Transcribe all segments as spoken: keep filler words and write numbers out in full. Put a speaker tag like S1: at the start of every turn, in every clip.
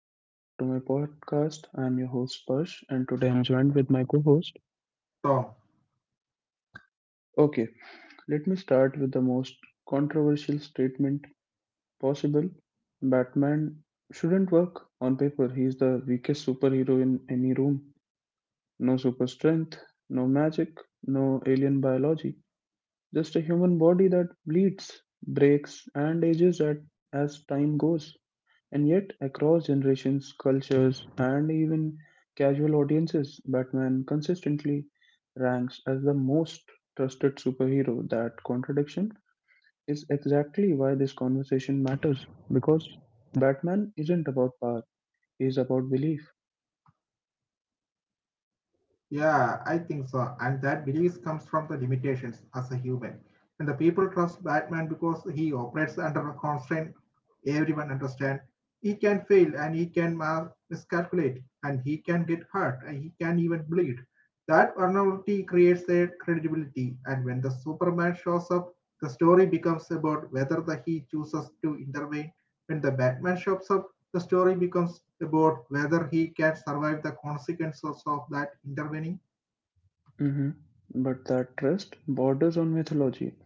S1: welcome back to my podcast. I'm your host Parsh and today I'm joined with my co-host.
S2: So,
S1: Okay, let me start with the most controversial statement possible. Batman shouldn't work on paper. He's the weakest superhero in any room. No super strength, no magic, no alien biology. Just a human body that bleeds, breaks and ages at as time goes. And yet, across generations, cultures, and even casual audiences, Batman consistently ranks as the most trusted superhero. That contradiction is exactly why this conversation matters because Batman isn't about power, he's about belief.
S2: yeah, I think so. And that belief comes from the limitations as a human. And the people trust Batman because he operates under a constraint everyone understand. He can fail and he can ma- miscalculate and he can get hurt and he can even bleed. That vulnerability creates a credibility. And when the Superman shows up, the story becomes about whether the he chooses to intervene. When the Batman shows up, the story becomes about whether he can survive the consequences of that intervening.
S1: Mhm. But that trust borders on mythology.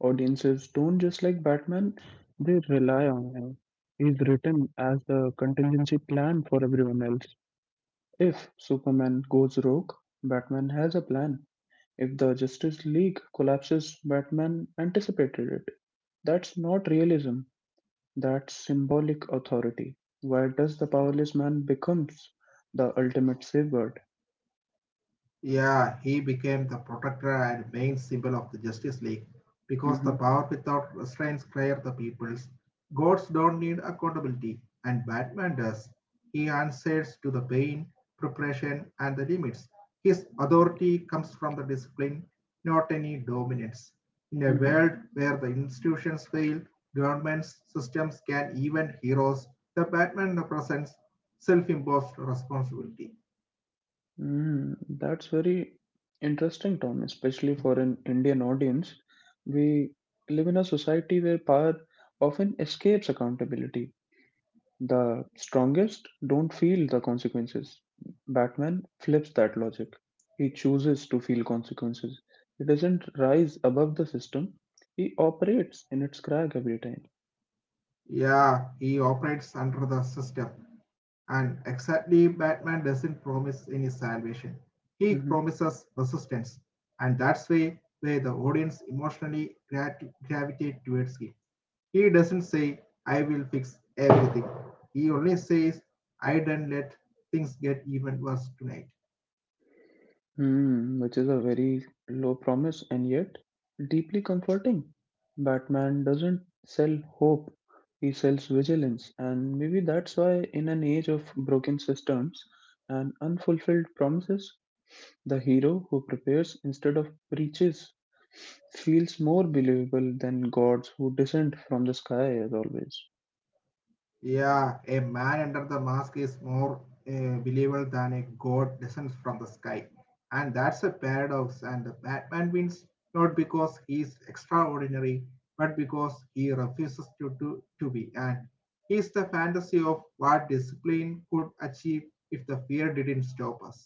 S1: Audiences don't just like Batman, they rely on him. He's written as the contingency plan for everyone else. If Superman goes rogue, Batman has a plan. If the Justice League collapses, Batman anticipated it. That's not realism, that's symbolic authority. Why does the powerless man becomes the ultimate safeguard?
S2: Yeah, he became the protector and main symbol of the Justice League because the
S1: Hmm.
S2: power without restraints clear the peoples. Gods don't need accountability, and Batman does. He answers to the pain, preparation, and the limits. His authority comes from the discipline, not any dominance. In a
S1: Hmm.
S2: world where the institutions fail, governments, systems can even heroes, the Batman represents self imposed responsibility.
S1: mm That's very interesting, Tom, especially for an Indian audience. We live in a society where power often escapes accountability. The strongest don't feel the consequences. Batman flips that logic. He chooses to feel consequences. He doesn't rise above the system, he operates in its crack every time.
S2: Yeah, he operates under the system. And exactly, Batman doesn't promise any salvation. He
S1: Mhm.
S2: promises resistance. And that's way where the audience emotionally grat- gravitate towards him. He doesn't say, I will fix everything. He only says, I don't let things get even worse tonight.
S1: Hmm, which is a very low promise and yet deeply comforting. Batman doesn't sell hope, he sells vigilance, and maybe that's why, in an age of broken systems and unfulfilled promises, the hero who prepares instead of preaches feels more believable than gods who descend from the sky, as always.
S2: Yeah, a man under the mask is more uh, believable than a god descends from the sky. And that's a paradox. And the Batman wins not because he's extraordinary, but because he refuses to, to, to be. And he's the fantasy of what discipline could achieve if the fear didn't stop us.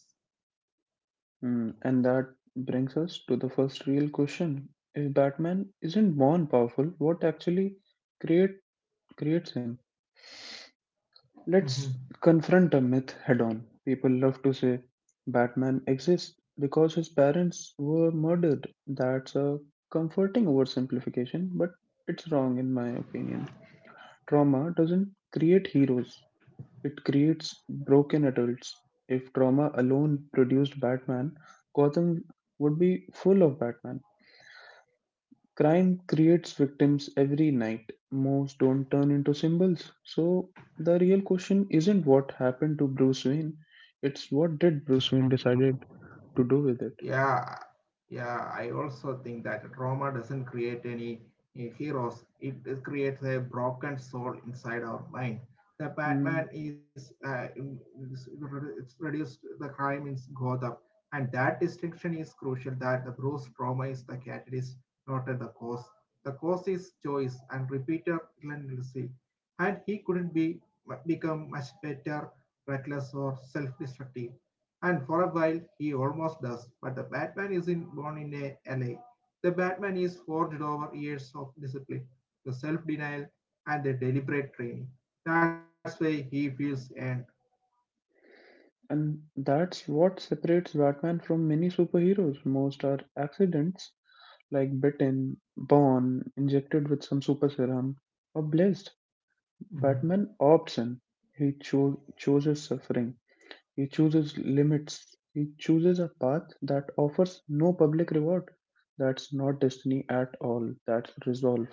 S1: Mm, and that brings us to the first real question. If Batman isn't born powerful, what actually create creates him?
S2: Mhm.
S1: Let's confront a myth head on. People love to say Batman exists because his parents were murdered. That's a comforting oversimplification, but it's wrong in my opinion. Trauma doesn't create heroes, it creates broken adults. If trauma alone produced Batman, Gotham would be full of Batman. Crime creates victims every night. Most don't turn into symbols. So the real question isn't what happened to Bruce Wayne, it's what did Bruce Wayne decided to do with it.
S2: Yeah, yeah, I also think that trauma doesn't create any uh, heroes. It, it creates a broken soul inside our mind. The
S1: Mm,
S2: Batman is, uh, is- it's reduced the crime in Gotham, and that distinction is crucial. That the Bruce trauma is the catalyst, not the cause. The cause is choice and repeated relentlessly, and he couldn't be become much better, reckless or self-destructive. And for a while, he almost does. But the Batman isn't born in a L A. The Batman is forged over years of discipline, the self denial, and the deliberate training. That's why he feels earned.
S1: And that's what separates Batman from many superheroes. Most are accidents, like bitten, born, injected with some super serum, or blessed. Batman
S2: Mm-hmm.
S1: opts in. He cho- chooses suffering. He chooses limits. He chooses a path that offers no public reward. That's not destiny at all. That's resolve.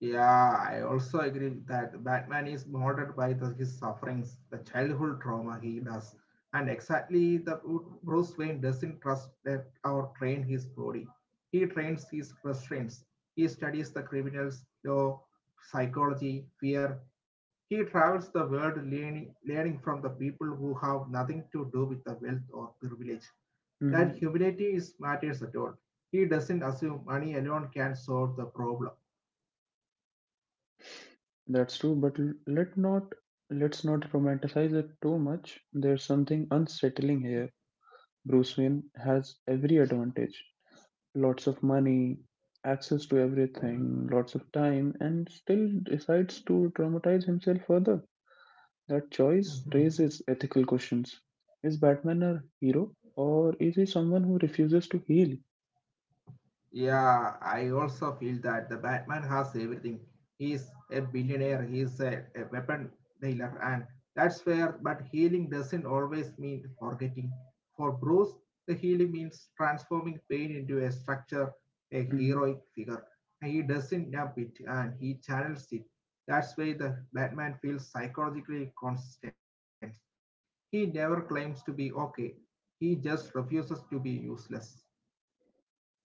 S2: Yeah, I also agree that Batman is molded by the, his sufferings, the childhood trauma he does, and exactly the Bruce Wayne doesn't trust that or train his body. He trains his restraints. He studies the criminals, law, psychology, fear. He travels the world learning, learning from the people who have nothing to do with the wealth or privilege. That
S1: Mhm.
S2: humility is matters at all. He doesn't assume money alone can solve the problem.
S1: That's true, but l- let not let's not romanticize it too much. There's something unsettling here. Bruce Wayne has every advantage. Lots of money, access to everything, lots of time, and still decides to traumatize himself further. That choice raises ethical questions. Is Batman a hero, or is he someone who refuses to heal?
S2: Yeah, I also feel that the Batman has everything. He's a billionaire, he's a, a weapon dealer, and that's fair, but healing doesn't always mean forgetting. For Bruce, the healing means transforming pain into a structure, a
S1: Hmm.
S2: heroic figure. He doesn't dump it and he channels it. That's why the Batman feels psychologically constant. He never claims to be okay, he just refuses to be useless.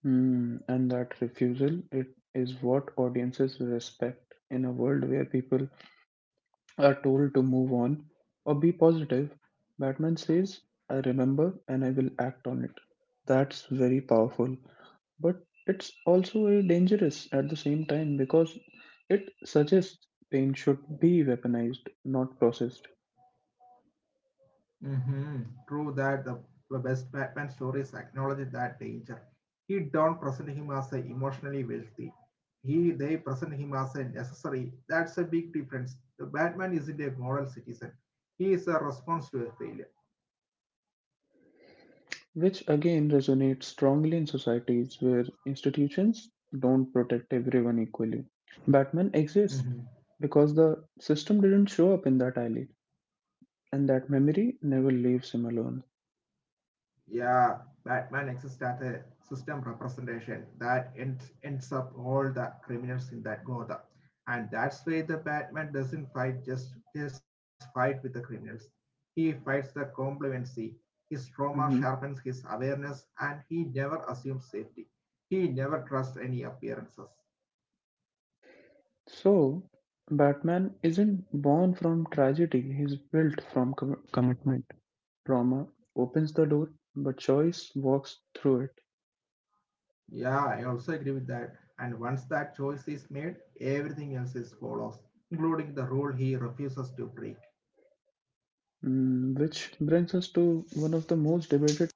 S1: And that refusal it is what audiences respect in a world where people are told to move on or be positive. Batman says, I remember and I will act on it. That's very powerful. But it's also very dangerous at the same time because it suggests pain should be weaponized, not processed,
S2: Hmm. True that the the best Batman stories acknowledge that danger. He don't present him as a emotionally wealthy. He they present him as a necessary. That's a big difference. The Batman isn't a moral citizen. He is a response to a failure.
S1: which again resonates strongly in societies where institutions don't protect everyone equally. Batman exists because the system didn't show up in that alley, and that memory never leaves him alone.
S2: Yeah, Batman exists as a system representation that end, ends up all the criminals in that Gotham. And that's why the Batman doesn't fight just, just fight with the criminals. He fights the complacency. His trauma sharpens
S1: Mhm.
S2: his awareness and he never assumes safety. He never trusts any appearances.
S1: So, Batman isn't born from tragedy, he's built from com- commitment. Trauma opens the door, but choice walks through it.
S2: Yeah, I also agree with that. And once that choice is made, everything else is follows, including the rule he refuses to break.
S1: Mm, which brings us to one of the most debated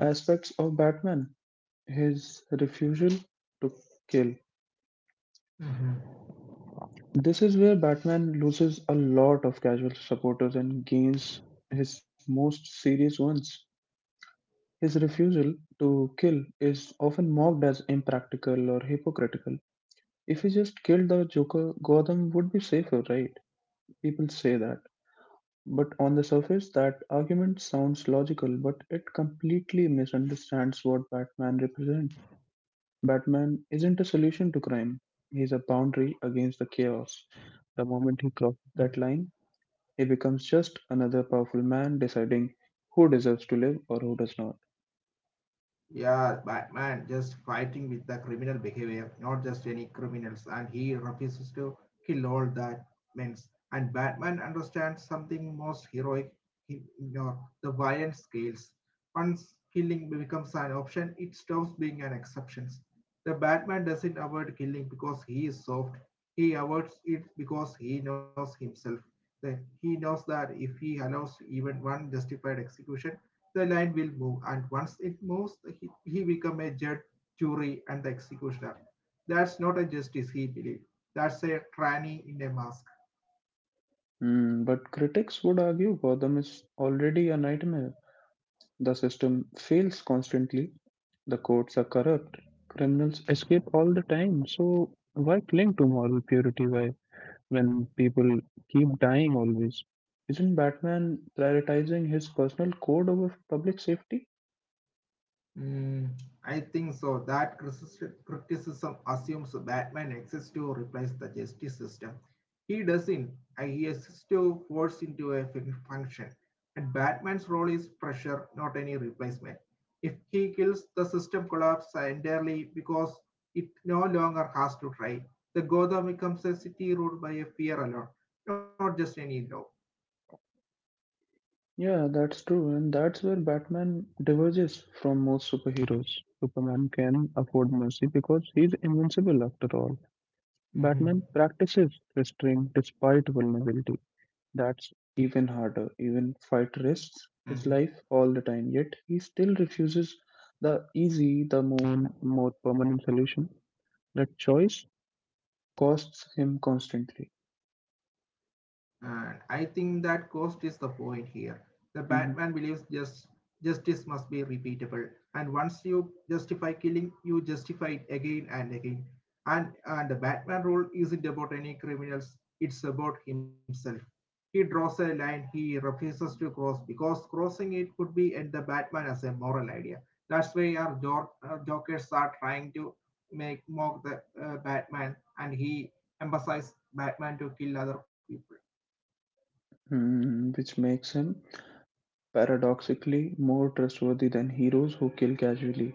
S1: aspects of Batman: his refusal to kill.
S2: Mm-hmm.
S1: This is where Batman loses a lot of casual supporters and gains his most serious ones. His refusal to kill is often mocked as impractical or hypocritical. If he just killed the Joker, Gotham would be safer, right? People say that. But on the surface, that argument sounds logical, but it completely misunderstands what Batman represents. Batman isn't a solution to crime, he's a boundary against the chaos. The moment he crosses that line, he becomes just another powerful man deciding who deserves to live or who does not.
S2: Yeah, Batman just fighting with the criminal behavior, not just any criminals, and he refuses to kill all that means. And Batman understands something most heroic, he, you know, the violent scales. Once killing becomes an option, it stops being an exception. The Batman doesn't avoid killing because he is soft. He avoids it because he knows himself. That he knows that if he allows even one justified execution, the line will move, and once it moves, he, he become a judge, jury, and the executioner. That's not a justice, he believed. That's a tranny in a mask.
S1: Hmm, but critics would argue Gotham is already a nightmare. The system fails constantly. The courts are corrupt. Criminals escape all the time. So why cling to moral purity why when people keep dying always? Isn't Batman prioritizing his personal code over public safety?
S2: Mm, I think so. That critici- criticism assumes Batman exists to replace the justice system. He doesn't. Uh, He exists to force into a fun- function. And Batman's role is pressure, not any replacement. If he kills, the system collapses entirely because it no longer has to try. The Gotham becomes a city ruled by a fear alone, not just any law.
S1: Yeah, that's true, and that's where Batman diverges from most superheroes. Superman can afford mercy because he's invincible after all.
S2: Mhm.
S1: Batman practices restraint despite vulnerability. That's even harder. Even fight risks his
S2: Mhm.
S1: life all the time, yet he still refuses the easy, the more, more permanent solution. That choice costs him constantly.
S2: And I think that cost is the point here. The
S1: Mhm.
S2: Batman believes just justice must be repeatable. And once you justify killing, you justify it again and again. And and the Batman role isn't about any criminals, it's about himself. He draws a line he refuses to cross because crossing it would be end the Batman as a moral idea. That's why our Jor- uh, Jokers are trying to make mock the uh, Batman, and he emphasized Batman to kill other people.
S1: Hmm, which makes him paradoxically more trustworthy than heroes who kill casually.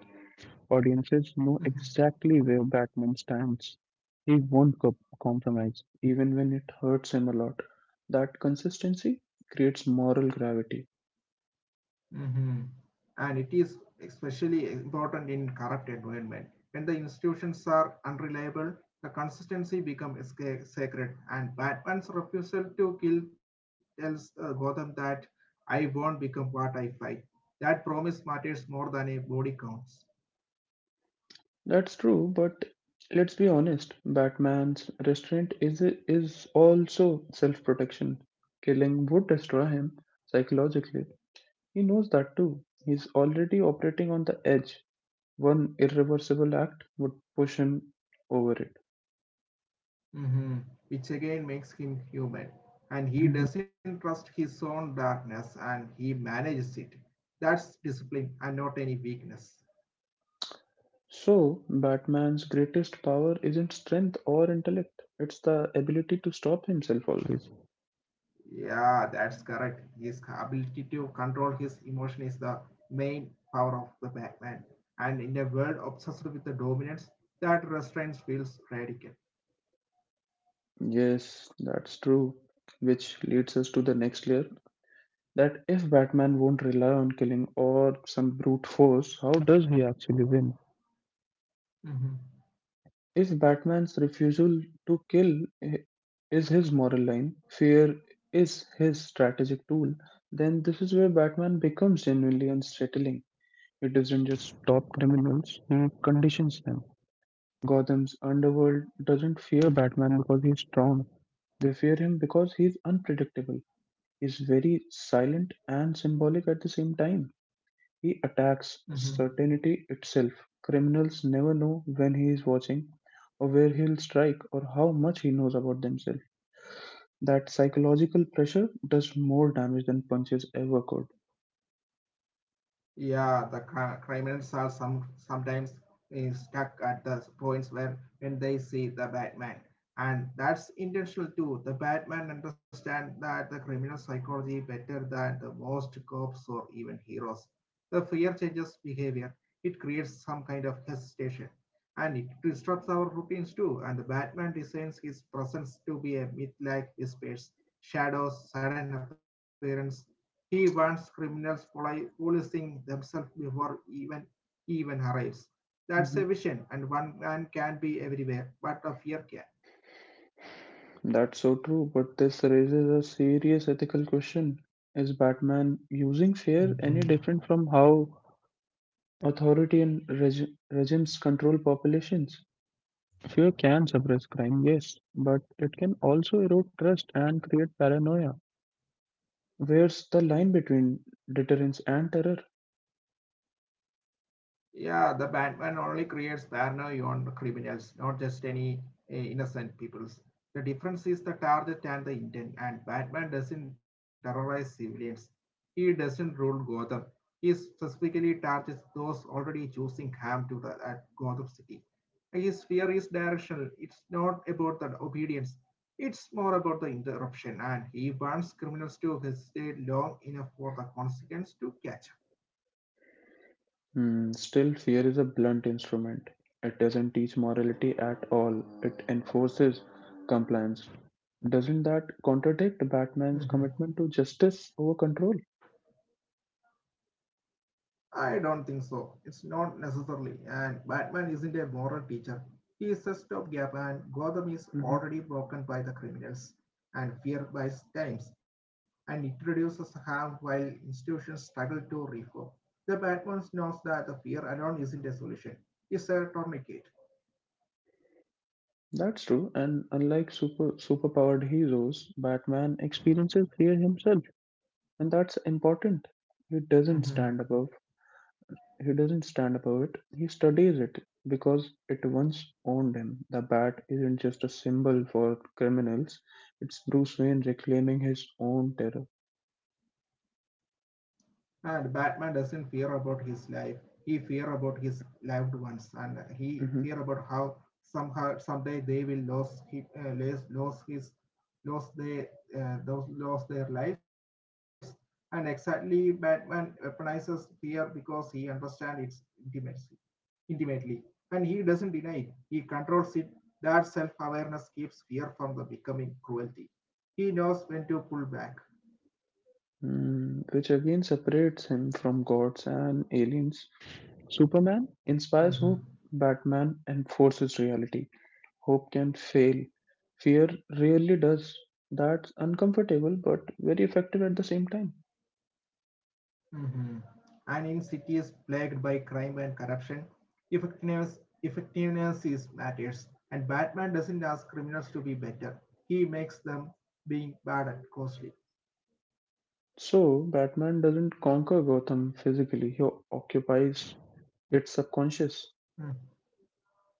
S1: Audiences know
S2: Mm-hmm.
S1: exactly where Batman stands. He won't co- compromise, even when it hurts him a lot. That consistency creates moral gravity.
S2: Mm-hmm. And it is especially important in corrupt environment. When the institutions are unreliable, the consistency becomes sacred. And Batman's refusal to kill tells uh, Gotham that I won't become what I fight. That promise matters more than a body counts.
S1: That's true, but let's be honest, Batman's restraint is is also self-protection. Killing would destroy him psychologically. He knows that too. He's already operating on the edge. One irreversible act would push him over it.
S2: Hmm, which again makes him human. And he
S1: Mhm.
S2: doesn't trust his own darkness and he manages it. That's discipline and not any weakness.
S1: So, Batman's greatest power isn't strength or intellect, it's the ability to stop himself always.
S2: Yeah, that's correct. His ability to control his emotion is the main power of the Batman. And in a world obsessed with the dominance, that restraint feels radical.
S1: Yes, that's true. Which leads us to the next layer that if Batman won't rely on killing or some brute force, how does he actually win?
S2: Mm-hmm.
S1: If Batman's refusal to kill i- is his moral line, fear is his strategic tool, then this is where Batman becomes genuinely unsettling. He doesn't just stop criminals, he conditions them. Gotham's underworld doesn't fear Batman because he's strong. They fear him because he's unpredictable. He's very silent and symbolic at the same time. He attacks
S2: Mm-hmm.
S1: certainty itself. Criminals never know when he is watching, or where he'll strike, or how much he knows about themselves. That psychological pressure does more damage than punches ever could.
S2: Yeah, the cri- criminals are some sometimes eh, stuck at the points where when they see the Batman, and that's intentional too. The Batman understand that the criminal psychology better than the most cops or even heroes. The fear changes behavior. It creates some kind of hesitation, and it disrupts our routines too. And the Batman designs his presence to be a myth-like whispers, shadows, sudden appearance, he warns criminals policing themselves before even he even arrives. That's a vision, and
S1: Mhm.
S2: one man can be everywhere, but a fear can.
S1: That's so true, but this raises a serious ethical question. Is Batman using
S2: Mhm.
S1: fear any different from how authority and reg- regimes control populations? Fear can suppress crime, yes, but it can also erode trust and create paranoia. Where's the line between deterrence and terror?
S2: Yeah, the Batman only creates paranoia on criminals, not just any uh, innocent peoples. The difference is the target and the intent, and Batman doesn't terrorize civilians. He doesn't rule Gotham. He specifically targets those already choosing harm to the at Gotham City. His fear is directional. It's not about the obedience. It's more about the interruption, and he wants criminals to hesitate long enough for the consequence to catch
S1: Hmm, still, fear is a blunt instrument. It doesn't teach morality at all, it enforces compliance. Doesn't that contradict Batman's
S2: up. Mm-hmm.
S1: commitment to justice over control?
S2: I don't think so. It's not necessarily. And Batman isn't a moral teacher. He is a stopgap, and Gotham
S1: Mhm.
S2: is already broken by the criminals and fear by times, and it reduces harm while institutions struggle to reform. The Batman knows that the fear alone isn't a solution. It's a tourniquet.
S1: That's true, and unlike super superpowered heroes, Batman experiences fear himself, and that's important. He
S2: Mhm.
S1: doesn't stand above, He doesn't stand above it, he studies it because it once owned him. The bat isn't just a symbol for criminals, it's Bruce Wayne reclaiming his own terror.
S2: And Batman doesn't fear about his life. He fear about his loved ones, and he
S1: Mhm.
S2: fear about how somehow someday they will lose his uh, lose, lose his lose their uh, lose their lives. And exactly, Batman weaponizes fear because he understands its intimacy intimately, and he doesn't deny it. He controls it. That self-awareness keeps fear from the becoming cruelty. He knows when to pull back.
S1: Mm, Which again separates him from gods and aliens. Superman
S2: Mhm.
S1: inspires hope, Batman enforces reality. Hope can fail, fear really does. That's uncomfortable but very effective at the same time.
S2: Mhm. And in cities plagued by crime and corruption, effectiveness effectiveness is matters. And Batman doesn't ask criminals to be better; he makes them being bad and costly.
S1: So, Batman doesn't conquer Gotham physically, he occupies its subconscious.
S2: Mm.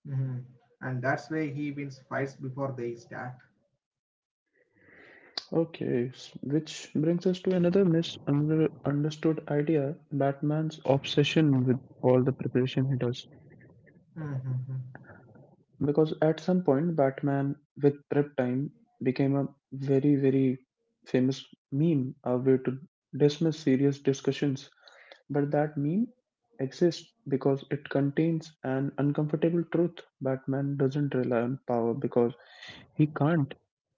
S2: Mhm. And that's why he wins fights before they start.
S1: Okay, s- which brings us to another misunderstood idea: Batman's obsession with all the preparation he does.
S2: Mhm.
S1: Because at some point, Batman with prep time became a very, very famous meme, a way to dismiss serious discussions. But that meme exists because it contains an uncomfortable truth. Batman doesn't rely on power because he can't.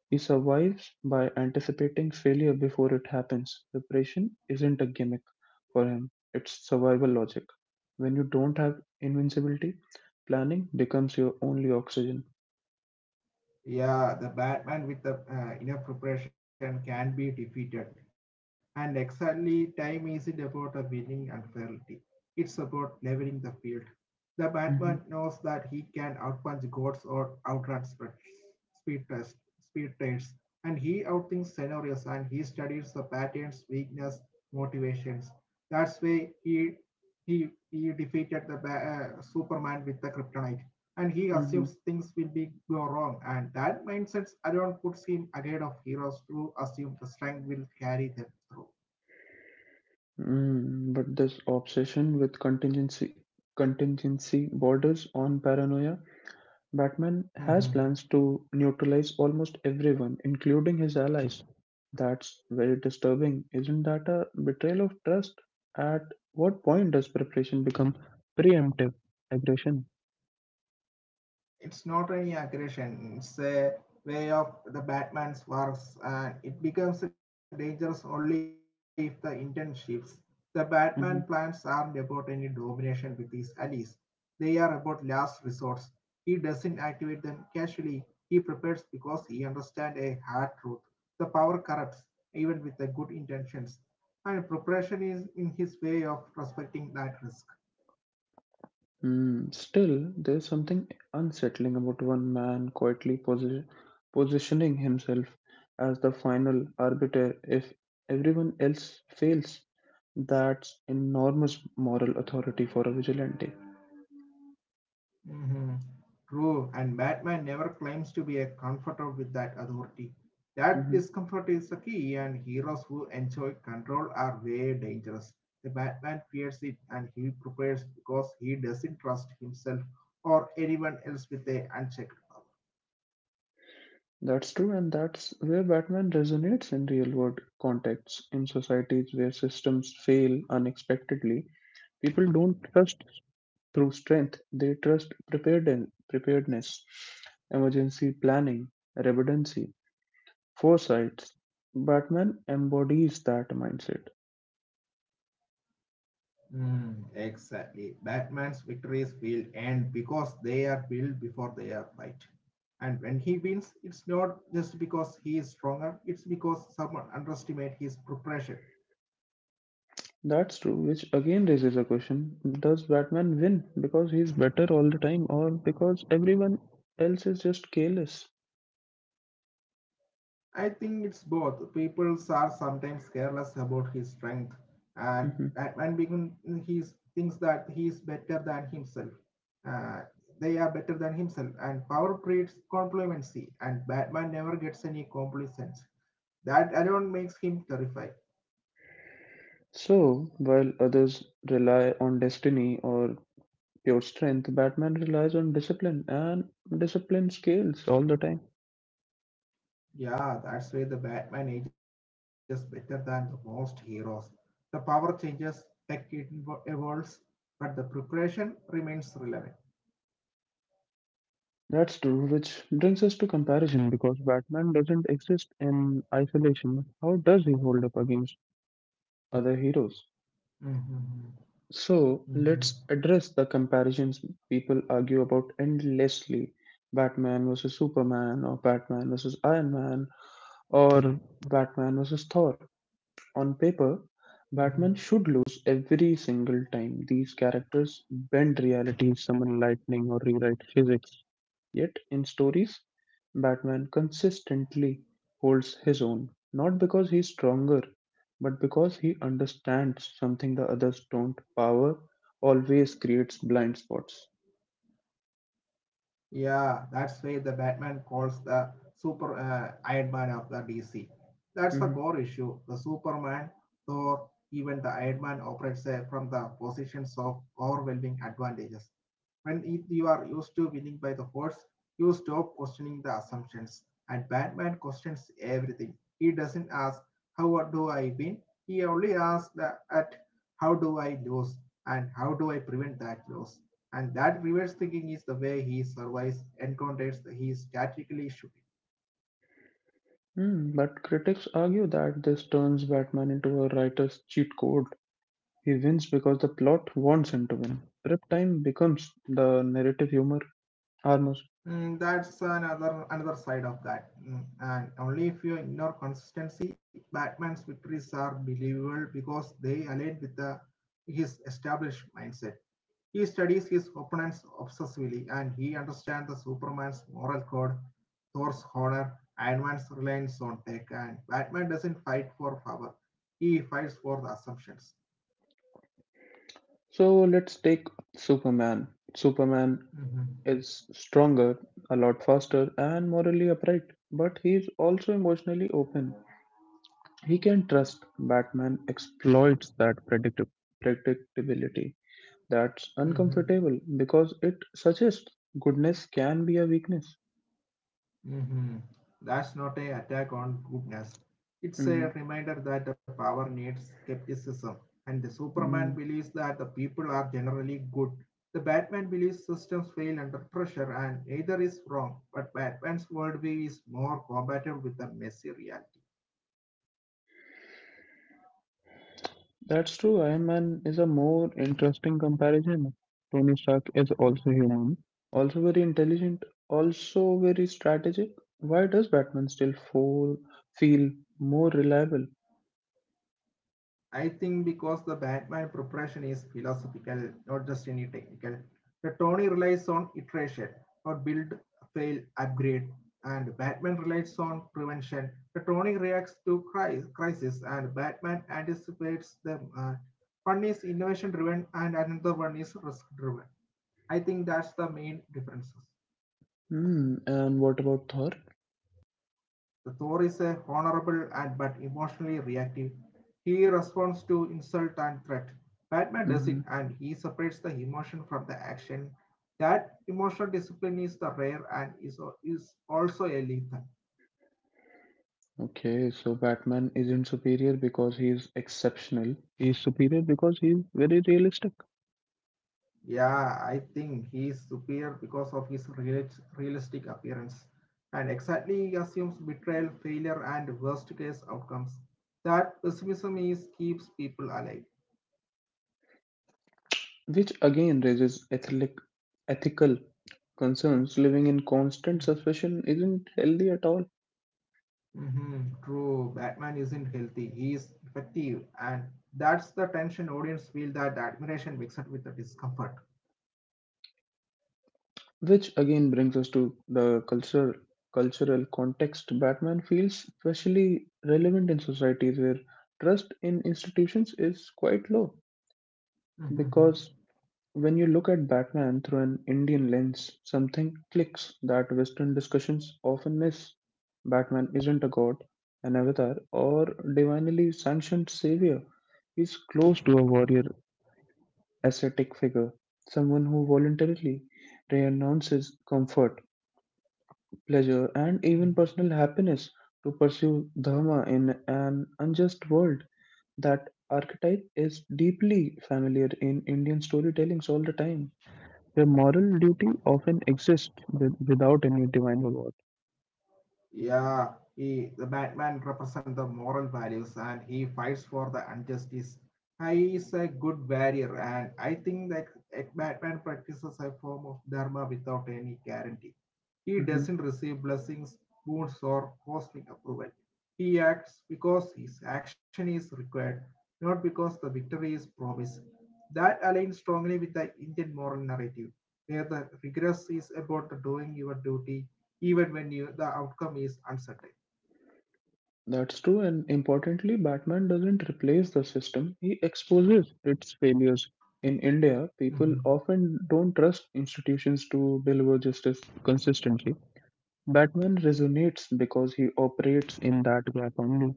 S1: He survives by anticipating failure before it happens. Preparation isn't a gimmick for him, it's survival logic. When you don't have invincibility, planning becomes your only oxygen.
S2: Yeah, the Batman with the uh, enough preparation can be defeated. And exactly, time isn't about a winning and fairly. It's about leveling the field. The Batman knows
S1: Mhm.
S2: that he can outpunch gods or outrun spe- speed test, speed tests, and he outthinks scenarios and he studies the patterns, weakness, motivations. That's why he he he defeated the ba- uh, Superman with the kryptonite and he
S1: Mhm.
S2: assumes things will be go wrong and that mindset around puts him ahead of heroes who assume the strength will carry them through.
S1: Mm, but this obsession with contingency contingency borders on paranoia. Batman has
S2: Mhm.
S1: plans to neutralize almost everyone, including his allies. That's very disturbing. Isn't that a betrayal of trust? At what point does preparation become preemptive aggression?
S2: It's not any aggression, it's a way of the batman's works and it becomes dangerous only if the intent shifts. The batman
S1: Mhm.
S2: plans aren't about any domination with his allies, they are about last resorts. He doesn't activate them casually. He prepares because he understands a hard truth: the power corrupts even with the good intentions, and preparation is in his way of respecting that risk.
S1: Hmm, Still, there's something unsettling about one man quietly posi- positioning himself as the final arbiter if everyone else fails. That's enormous moral authority for a vigilante.
S2: Mhm. True, and Batman never claims to be a comforter with that authority. That
S1: Mm-hmm.
S2: discomfort is the key, and heroes who enjoy control are very dangerous. The Batman fears it and he prepares because he doesn't trust himself or anyone else with a unchecked power.
S1: That's true, and that's where Batman resonates in real world contexts. In societies where systems fail unexpectedly, people don't trust through strength, they trust preparedness, preparedness emergency planning, redundancy, foresight. Batman embodies that mindset.
S2: Mm, exactly. Batman's victories feel end because they are built before they are right. And when he wins, it's not just because he is stronger, it's because someone underestimates his preparation.
S1: That's true, which again raises a question: Does Batman win because he's better all the time, or because everyone else is just careless?
S2: I think it's both. People are sometimes careless about his strength, and
S1: Mhm.
S2: Batman begin he thinks that he is better than himself. Uh, they are better than himself, and power breeds complacency, and Batman never gets any complacent. That alone makes him terrifying.
S1: So, while others rely on destiny or pure strength, Batman relies on discipline, and discipline scales all the time.
S2: Yeah, that's why the Batman ages better than the most heroes. The power changes, tech evo- evolves, but the preparation remains relevant.
S1: That's true, which brings us to comparison because Batman doesn't exist in isolation. How does he hold up against other heroes?
S2: hmm
S1: So,
S2: hmm
S1: let's address the comparisons people argue about endlessly: Batman versus Superman, or Batman versus Iron Man, or Batman versus Thor. On paper, Batman should
S2: hmm
S1: lose every single time these characters bend reality, summon lightning, or rewrite physics. Yet, in stories, Batman consistently holds his own, not because he's stronger, but because he understands something the others don't. Power always creates blind spots.
S2: Yeah, that's why the Batman calls the Super uh, Iron Man of the D C.
S1: Mhm.
S2: That's the core issue. The Superman, Thor, even the Iron Man operates uh, from the positions of overwhelming advantages. When you are used to winning by the horse, you stop questioning the assumptions. And Batman questions everything. He doesn't ask, how do I win? He only asks that, at how do I lose? And how do I prevent that loss? And that reverse thinking is the way he survives encounters he statically should.
S1: Hmm, but critics argue that this turns Batman into a writer's cheat code. He wins because the plot wants him to win. Prep time becomes the narrative humor armor.
S2: Mm, that's another another side of that. Mm, and only if you ignore consistency, Batman's victories are believable because they align with the, his established mindset. He studies his opponents obsessively and he understands the Superman's moral code, Thor's honor, Iron Man's reliance on tech, and Batman doesn't fight for power. He fights for the assumptions.
S1: So let's take Superman. Superman
S2: Mm-hmm.
S1: is stronger, a lot faster, and morally upright, but he's also emotionally open. He can trust. Batman exploits that predictab- predictability. That's
S2: Mm-hmm.
S1: uncomfortable because it suggests goodness can be a weakness.
S2: Mhm. That's not an attack on goodness. It's a reminder that the power needs skepticism. And the Superman
S1: Mhm.
S2: believes that the people are generally good. The Batman believes systems fail under pressure, and neither is wrong. But Batman's worldview is more combative with the messy reality.
S1: That's true. Iron Man is a more interesting comparison. Tony Stark is also human, also very intelligent, also very strategic. Why does Batman still fall, feel more reliable?
S2: I think because the Batman preparation is philosophical, not just any technical. The Tony relies on iteration, or build, fail, upgrade, and Batman relies on prevention. The Tony reacts to crisis, and Batman anticipates them. Uh, one is innovation driven, and another one is risk driven. I think that's the main differences.
S1: Hmm. And what about Thor?
S2: The Thor is a honorable and but emotionally reactive. He responds to insult and threat. Batman does
S1: hmm
S2: it and he separates the emotion from the action. That emotional discipline is the rare and is, is also a lethal.
S1: Okay, so Batman isn't superior because he is exceptional. He is superior because he is very realistic,
S2: Yeah, I think he is superior because of his real realistic appearance. And exactly he assumes betrayal, failure, and worst case outcomes. That pessimism is keeps people alive.
S1: which again raises ethic, ethical concerns. Living in constant suspicion isn't healthy at all.
S2: Mhm, true, Batman isn't healthy. He is effective, and that's the tension audience feel that admiration mixed with the discomfort.
S1: Which again brings us to the cultural cultural context. Batman feels especially relevant in societies where trust in institutions is quite low.
S2: Mhm,
S1: Because when you look at Batman through an Indian lens, something clicks that Western discussions often miss. Batman isn't a god, an avatar, or divinely sanctioned savior. He's close to a warrior, ascetic figure, someone who voluntarily renounces comfort, pleasure, and even
S2: mhm.
S1: personal happiness to pursue dharma in an unjust world. That archetype is deeply familiar in Indian storytellings all the time, where moral duty often exists with, without any divine reward.
S2: Yeah, he, the Batman represents the moral values and he fights for the injustice. He is a good warrior, and I think that a Batman practices a form of dharma without any guarantee. He
S1: hmm
S2: doesn't receive blessings, boons, or cosmic approval. He acts because his action is required, not because the victory is promised. That aligns strongly with the Indian moral narrative, where the regress is about the doing your duty even when you, the outcome is uncertain.
S1: That's true, and importantly, Batman doesn't replace the system, he exposes its failures. In India, people
S2: Mhm.
S1: often don't trust institutions to deliver justice consistently. Batman resonates because he operates in that gap only.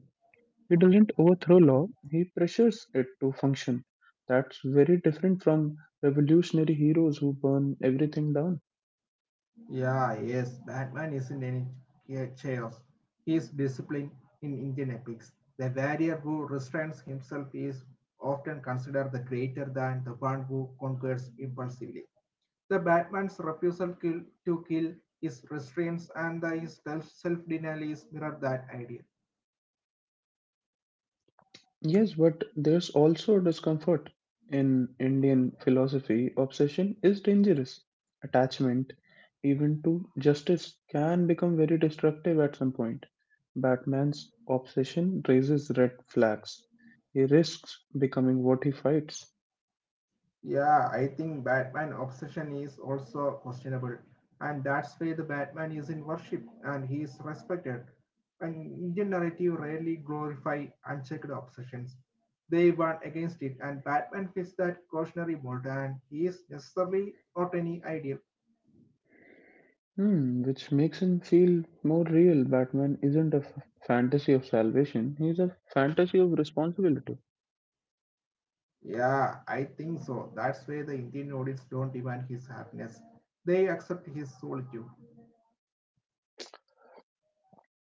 S1: He doesn't overthrow law, he pressures it to function. That's very different from revolutionary heroes who burn everything down.
S2: Yeah, yes, Batman isn't any chaos. He is disciplined in Indian epics. The warrior who restrains himself is often considered the greater than the one who conquers impulsively. The Batman's refusal kill, to kill is restraints and the, his self denial is mirrored that idea.
S1: Yes, but there's also discomfort. In Indian philosophy, obsession is dangerous. Attachment, even to justice, can become very destructive at some point. Batman's obsession raises red flags. He risks becoming what he fights.
S2: Yeah, I think Batman obsession is also questionable, and that's why the Batman is in worship and he is respected. And Indian narrative rarely glorify unchecked obsessions. They warn against it, and Batman fits that cautionary mold, and he is necessarily not any ideal.
S1: Hmm, which makes him feel more real. Batman isn't a f- fantasy of salvation, he's a fantasy of responsibility.
S2: Yeah, I think so. That's why the Indian audience don't demand his happiness; they accept his solitude.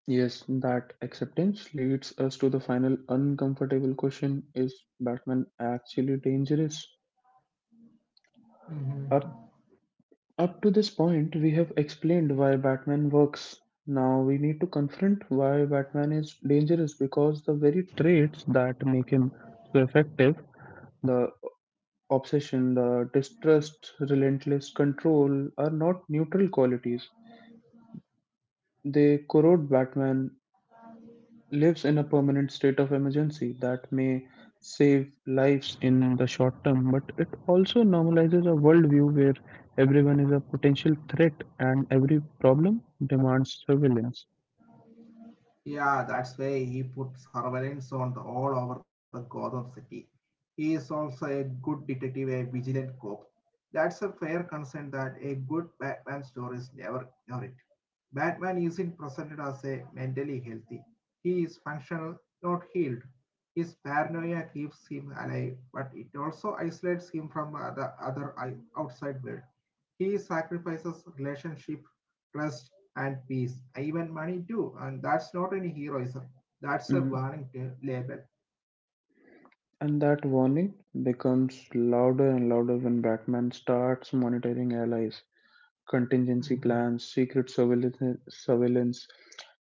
S1: Yes, that acceptance leads us to the final uncomfortable question: is Batman actually dangerous? Up, up to this point, we have explained why Batman works. Now we need to confront why Batman is dangerous, because the very traits that make him so effective, the obsession, the distrust, relentless control, are not neutral qualities. They corrode Batman, lives in a permanent state of emergency that may save lives in the short term, but it also normalizes a worldview where everyone is a potential threat and every problem demands surveillance.
S2: Yeah, that's why he put surveillance on the, all over the Gotham City. He is also a good detective, a vigilant cop. That's a fair concern that a good Batman story is never ignored. Batman isn't presented as a mentally healthy. He is functional, not healed. His paranoia keeps him alive, but it also isolates him from the other outside world. He sacrifices relationship, trust, and peace, even money too. And that's not any heroism. That's a
S1: Mhm.
S2: warning ta- label.
S1: And that warning becomes louder and louder when Batman starts monitoring allies, contingency
S2: Mm-hmm.
S1: plans, secret surveillance, surveillance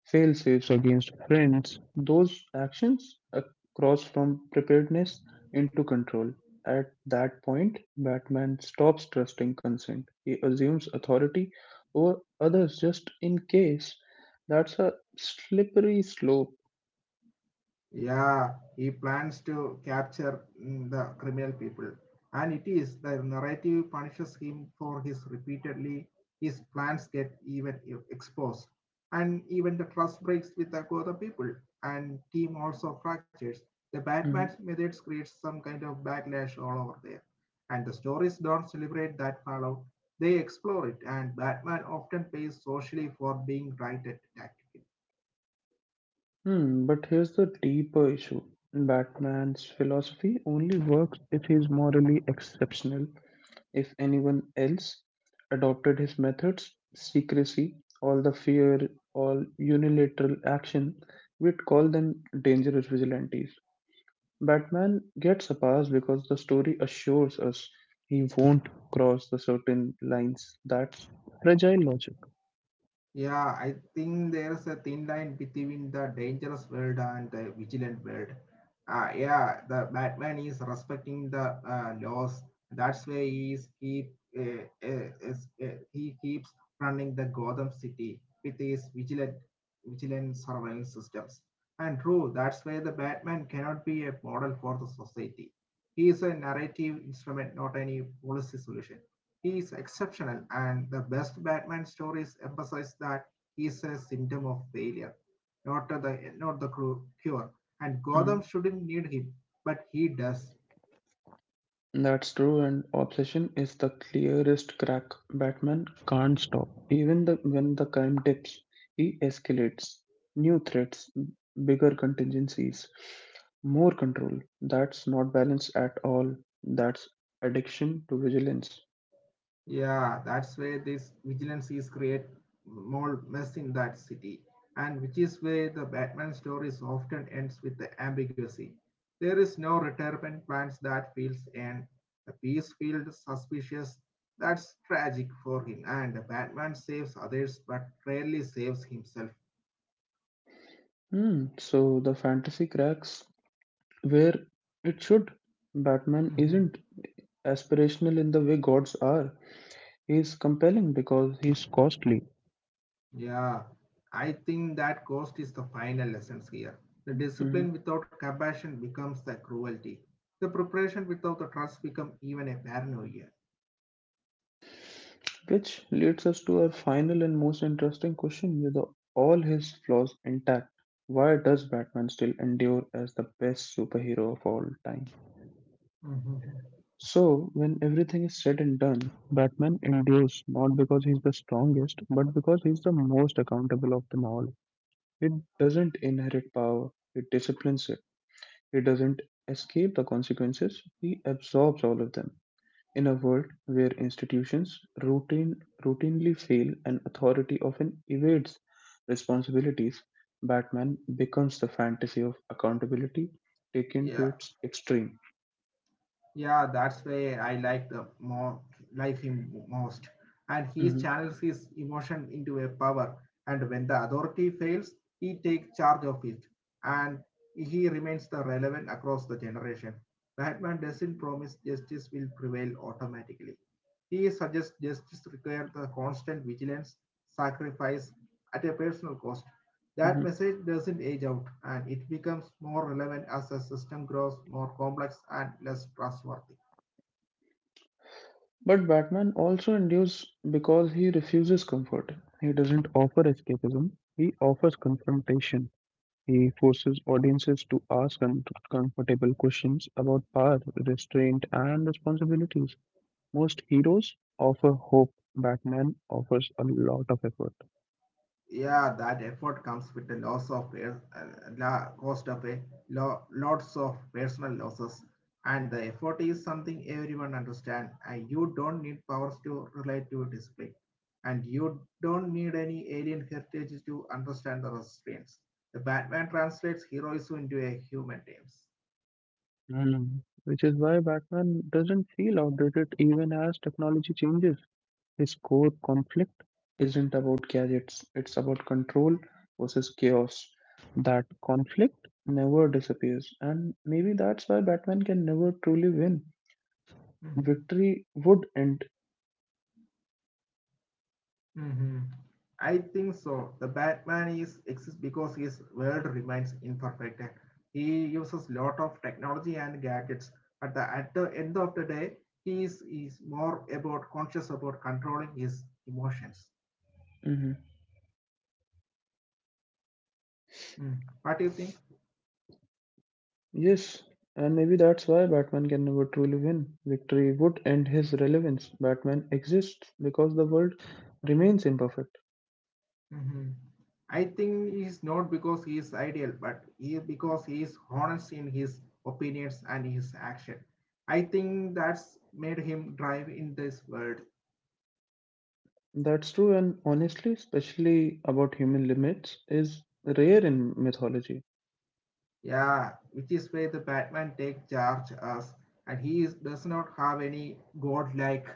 S1: fail safes against friends. Those actions uh, cross from preparedness into control. At that point, Batman stops trusting consent. He assumes authority over others just in case. That's a slippery slope.
S2: Yeah, he plans to capture mm, the criminal people. And it is the narrative punishes him for his repeatedly his plans get even e- exposed. And even the trust breaks with the Gotham people and team also fractures. The
S1: Mhm.
S2: Batman's methods create some kind of backlash all over there. And the stories don't celebrate that fallout. They explore it and Batman often pays socially for being right at tactic.
S1: Hmm, but here's the deeper issue: Batman's philosophy only works if he's morally exceptional. If anyone else adopted his methods, secrecy, all the fear, all unilateral action, we'd call them dangerous vigilantes. Batman gets a pass because the story assures us he won't cross the certain lines. That's fragile logic.
S2: Yeah, I think there's a thin line between the dangerous world and the vigilant world. Uh, yeah, the Batman is respecting the uh, laws. That's why he is keep uh, uh, is- uh, he keeps running the Gotham City with his vigilant vigilant surveillance systems. And true, that's why the Batman cannot be a model for the society. He is a narrative instrument, not any policy solution. He is exceptional, and the best Batman stories emphasize that he is a symptom of failure, not the not the cru- cure. And Gotham shouldn't need him, but he does.
S1: That's true, and obsession is the clearest crack. Batman can't stop. Even the, when the crime dips, he escalates. New threats, bigger contingencies, more control. That's not balance at all. That's addiction to vigilance.
S2: Yeah, that's where this vigilance is create more mess in that city, and which is where the Batman stories often ends with the ambiguity. There is no retirement plans that feels and the peace feels suspicious. That's tragic for him, and Batman saves others but rarely saves himself.
S1: Hmm. So the fantasy cracks where it should. Batman isn't aspirational in the way gods are. He's compelling because he's costly.
S2: Yeah, I think that cost is the final lessons here. The
S1: Hmm.
S2: discipline without compassion becomes the cruelty. The preparation without the trust become even a paranoia.
S1: Which leads us to our final and most interesting question: with all his flaws intact, why does Batman still endure as the best superhero of all time?
S2: Mhm.
S1: So, when everything is said and done, Batman endures not because he's the strongest, but because he's the most accountable of them all. He doesn't inherit power, he disciplines it. He doesn't escape the consequences, he absorbs all of them. In a world where institutions routine, routinely fail and authority often evades responsibilities, Batman becomes the fantasy of accountability taken to
S2: Yeah,
S1: its extreme.
S2: Yeah, that's why I like the more like him most. And he
S1: Mhm,
S2: channels his emotion into a power. And when the authority fails, he takes charge of it. And he remains the relevant across the generation. Batman doesn't promise justice will prevail automatically. He suggests justice requires the constant vigilance, sacrifice at a personal cost. That
S1: mhm.
S2: message doesn't age out and it becomes more relevant as the system grows more complex and less trustworthy.
S1: But Batman also endures because he refuses comfort. He doesn't offer escapism, he offers confrontation. He forces audiences to ask uncomfortable questions about power, restraint, and responsibilities. Most heroes offer hope, Batman offers a lot of effort.
S2: Yeah, that effort comes with the loss of per- uh, la- cost of a lo- lots of personal losses, and the effort is something everyone understands. And you don't need powers to relate to display, and you don't need any alien heritage to understand the restraints. The Batman translates heroism into a human terms.
S1: Mm. Which is why Batman doesn't feel outdated even as technology changes. His core conflict isn't about gadgets, it's about control versus chaos. That conflict never disappears, and maybe that's why Batman can never truly win. Victory would end.
S2: Mhm. I think so. The Batman is exists because his world remains imperfect. He uses lot of technology and gadgets, but the, at the end of the day, he is, is more about conscious about controlling his emotions. Mm. What do you think?
S1: Yes, and maybe that's why Batman can never truly win. Victory would end his relevance. Batman exists because the world remains imperfect.
S2: Mhm. I think he is not because he is ideal, but he because he is honest in his opinions and his action. I think that's made him drive in this world.
S1: That's true, and honestly, especially about human limits, is rare in mythology.
S2: Yeah, which is where the Batman take charge as, and he is, does not have any godlike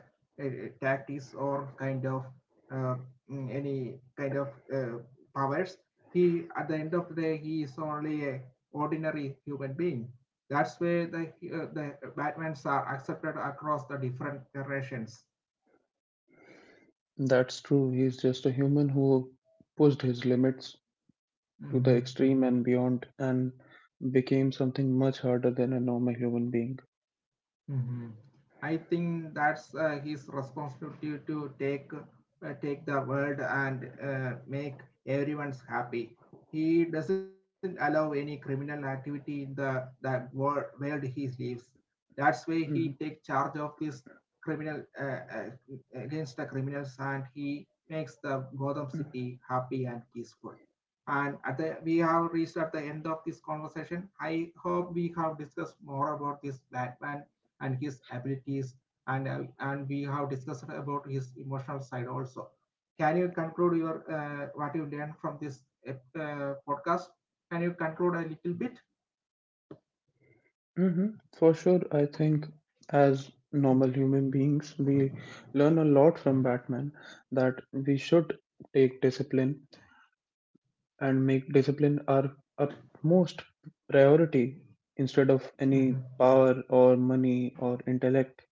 S2: uh, uh, tactics or kind of uh, mm, any kind of uh, powers. He at the end of the day he is only a ordinary human being. That's where the uh, the Batmans are accepted across the different generations.
S1: That's true, he's just a human who pushed his limits to the
S2: Mhm.
S1: extreme and beyond and became something much harder than a normal human being.
S2: hmm I think that's uh, his responsibility to take uh, take the world and uh, make everyone's happy. He doesn't allow any criminal activity in the that world, world he lives. That's why he
S1: Mhm.
S2: take charge of this criminal uh, uh, against the criminals and he makes the Gotham City happy and peaceful. And at the, we have reached at the end of this conversation. I hope we have discussed more about this Batman and his abilities and uh, and we have discussed about his emotional side also. Can you conclude your uh, what you learned from this uh, podcast? Can you conclude a little bit?
S1: Hmm. For sure, I think as normal human beings, we learn a lot from Batman, that we should take discipline and make discipline our utmost priority instead of
S2: Mhm.
S1: any power or money or intellect,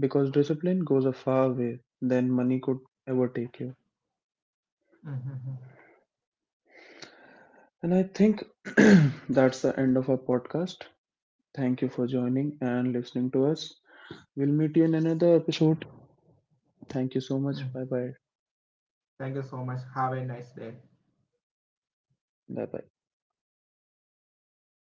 S1: because discipline goes a far way than money could ever take you.
S2: Mhm. Mhm.
S1: And I think that's the end of our podcast. Thank you for joining and listening to us. We'll meet you in another episode. Thank you so much. Bye
S2: Mhm.
S1: bye.
S2: Thank you so much, have a nice day.
S1: Bye bye.
S2: Mhm.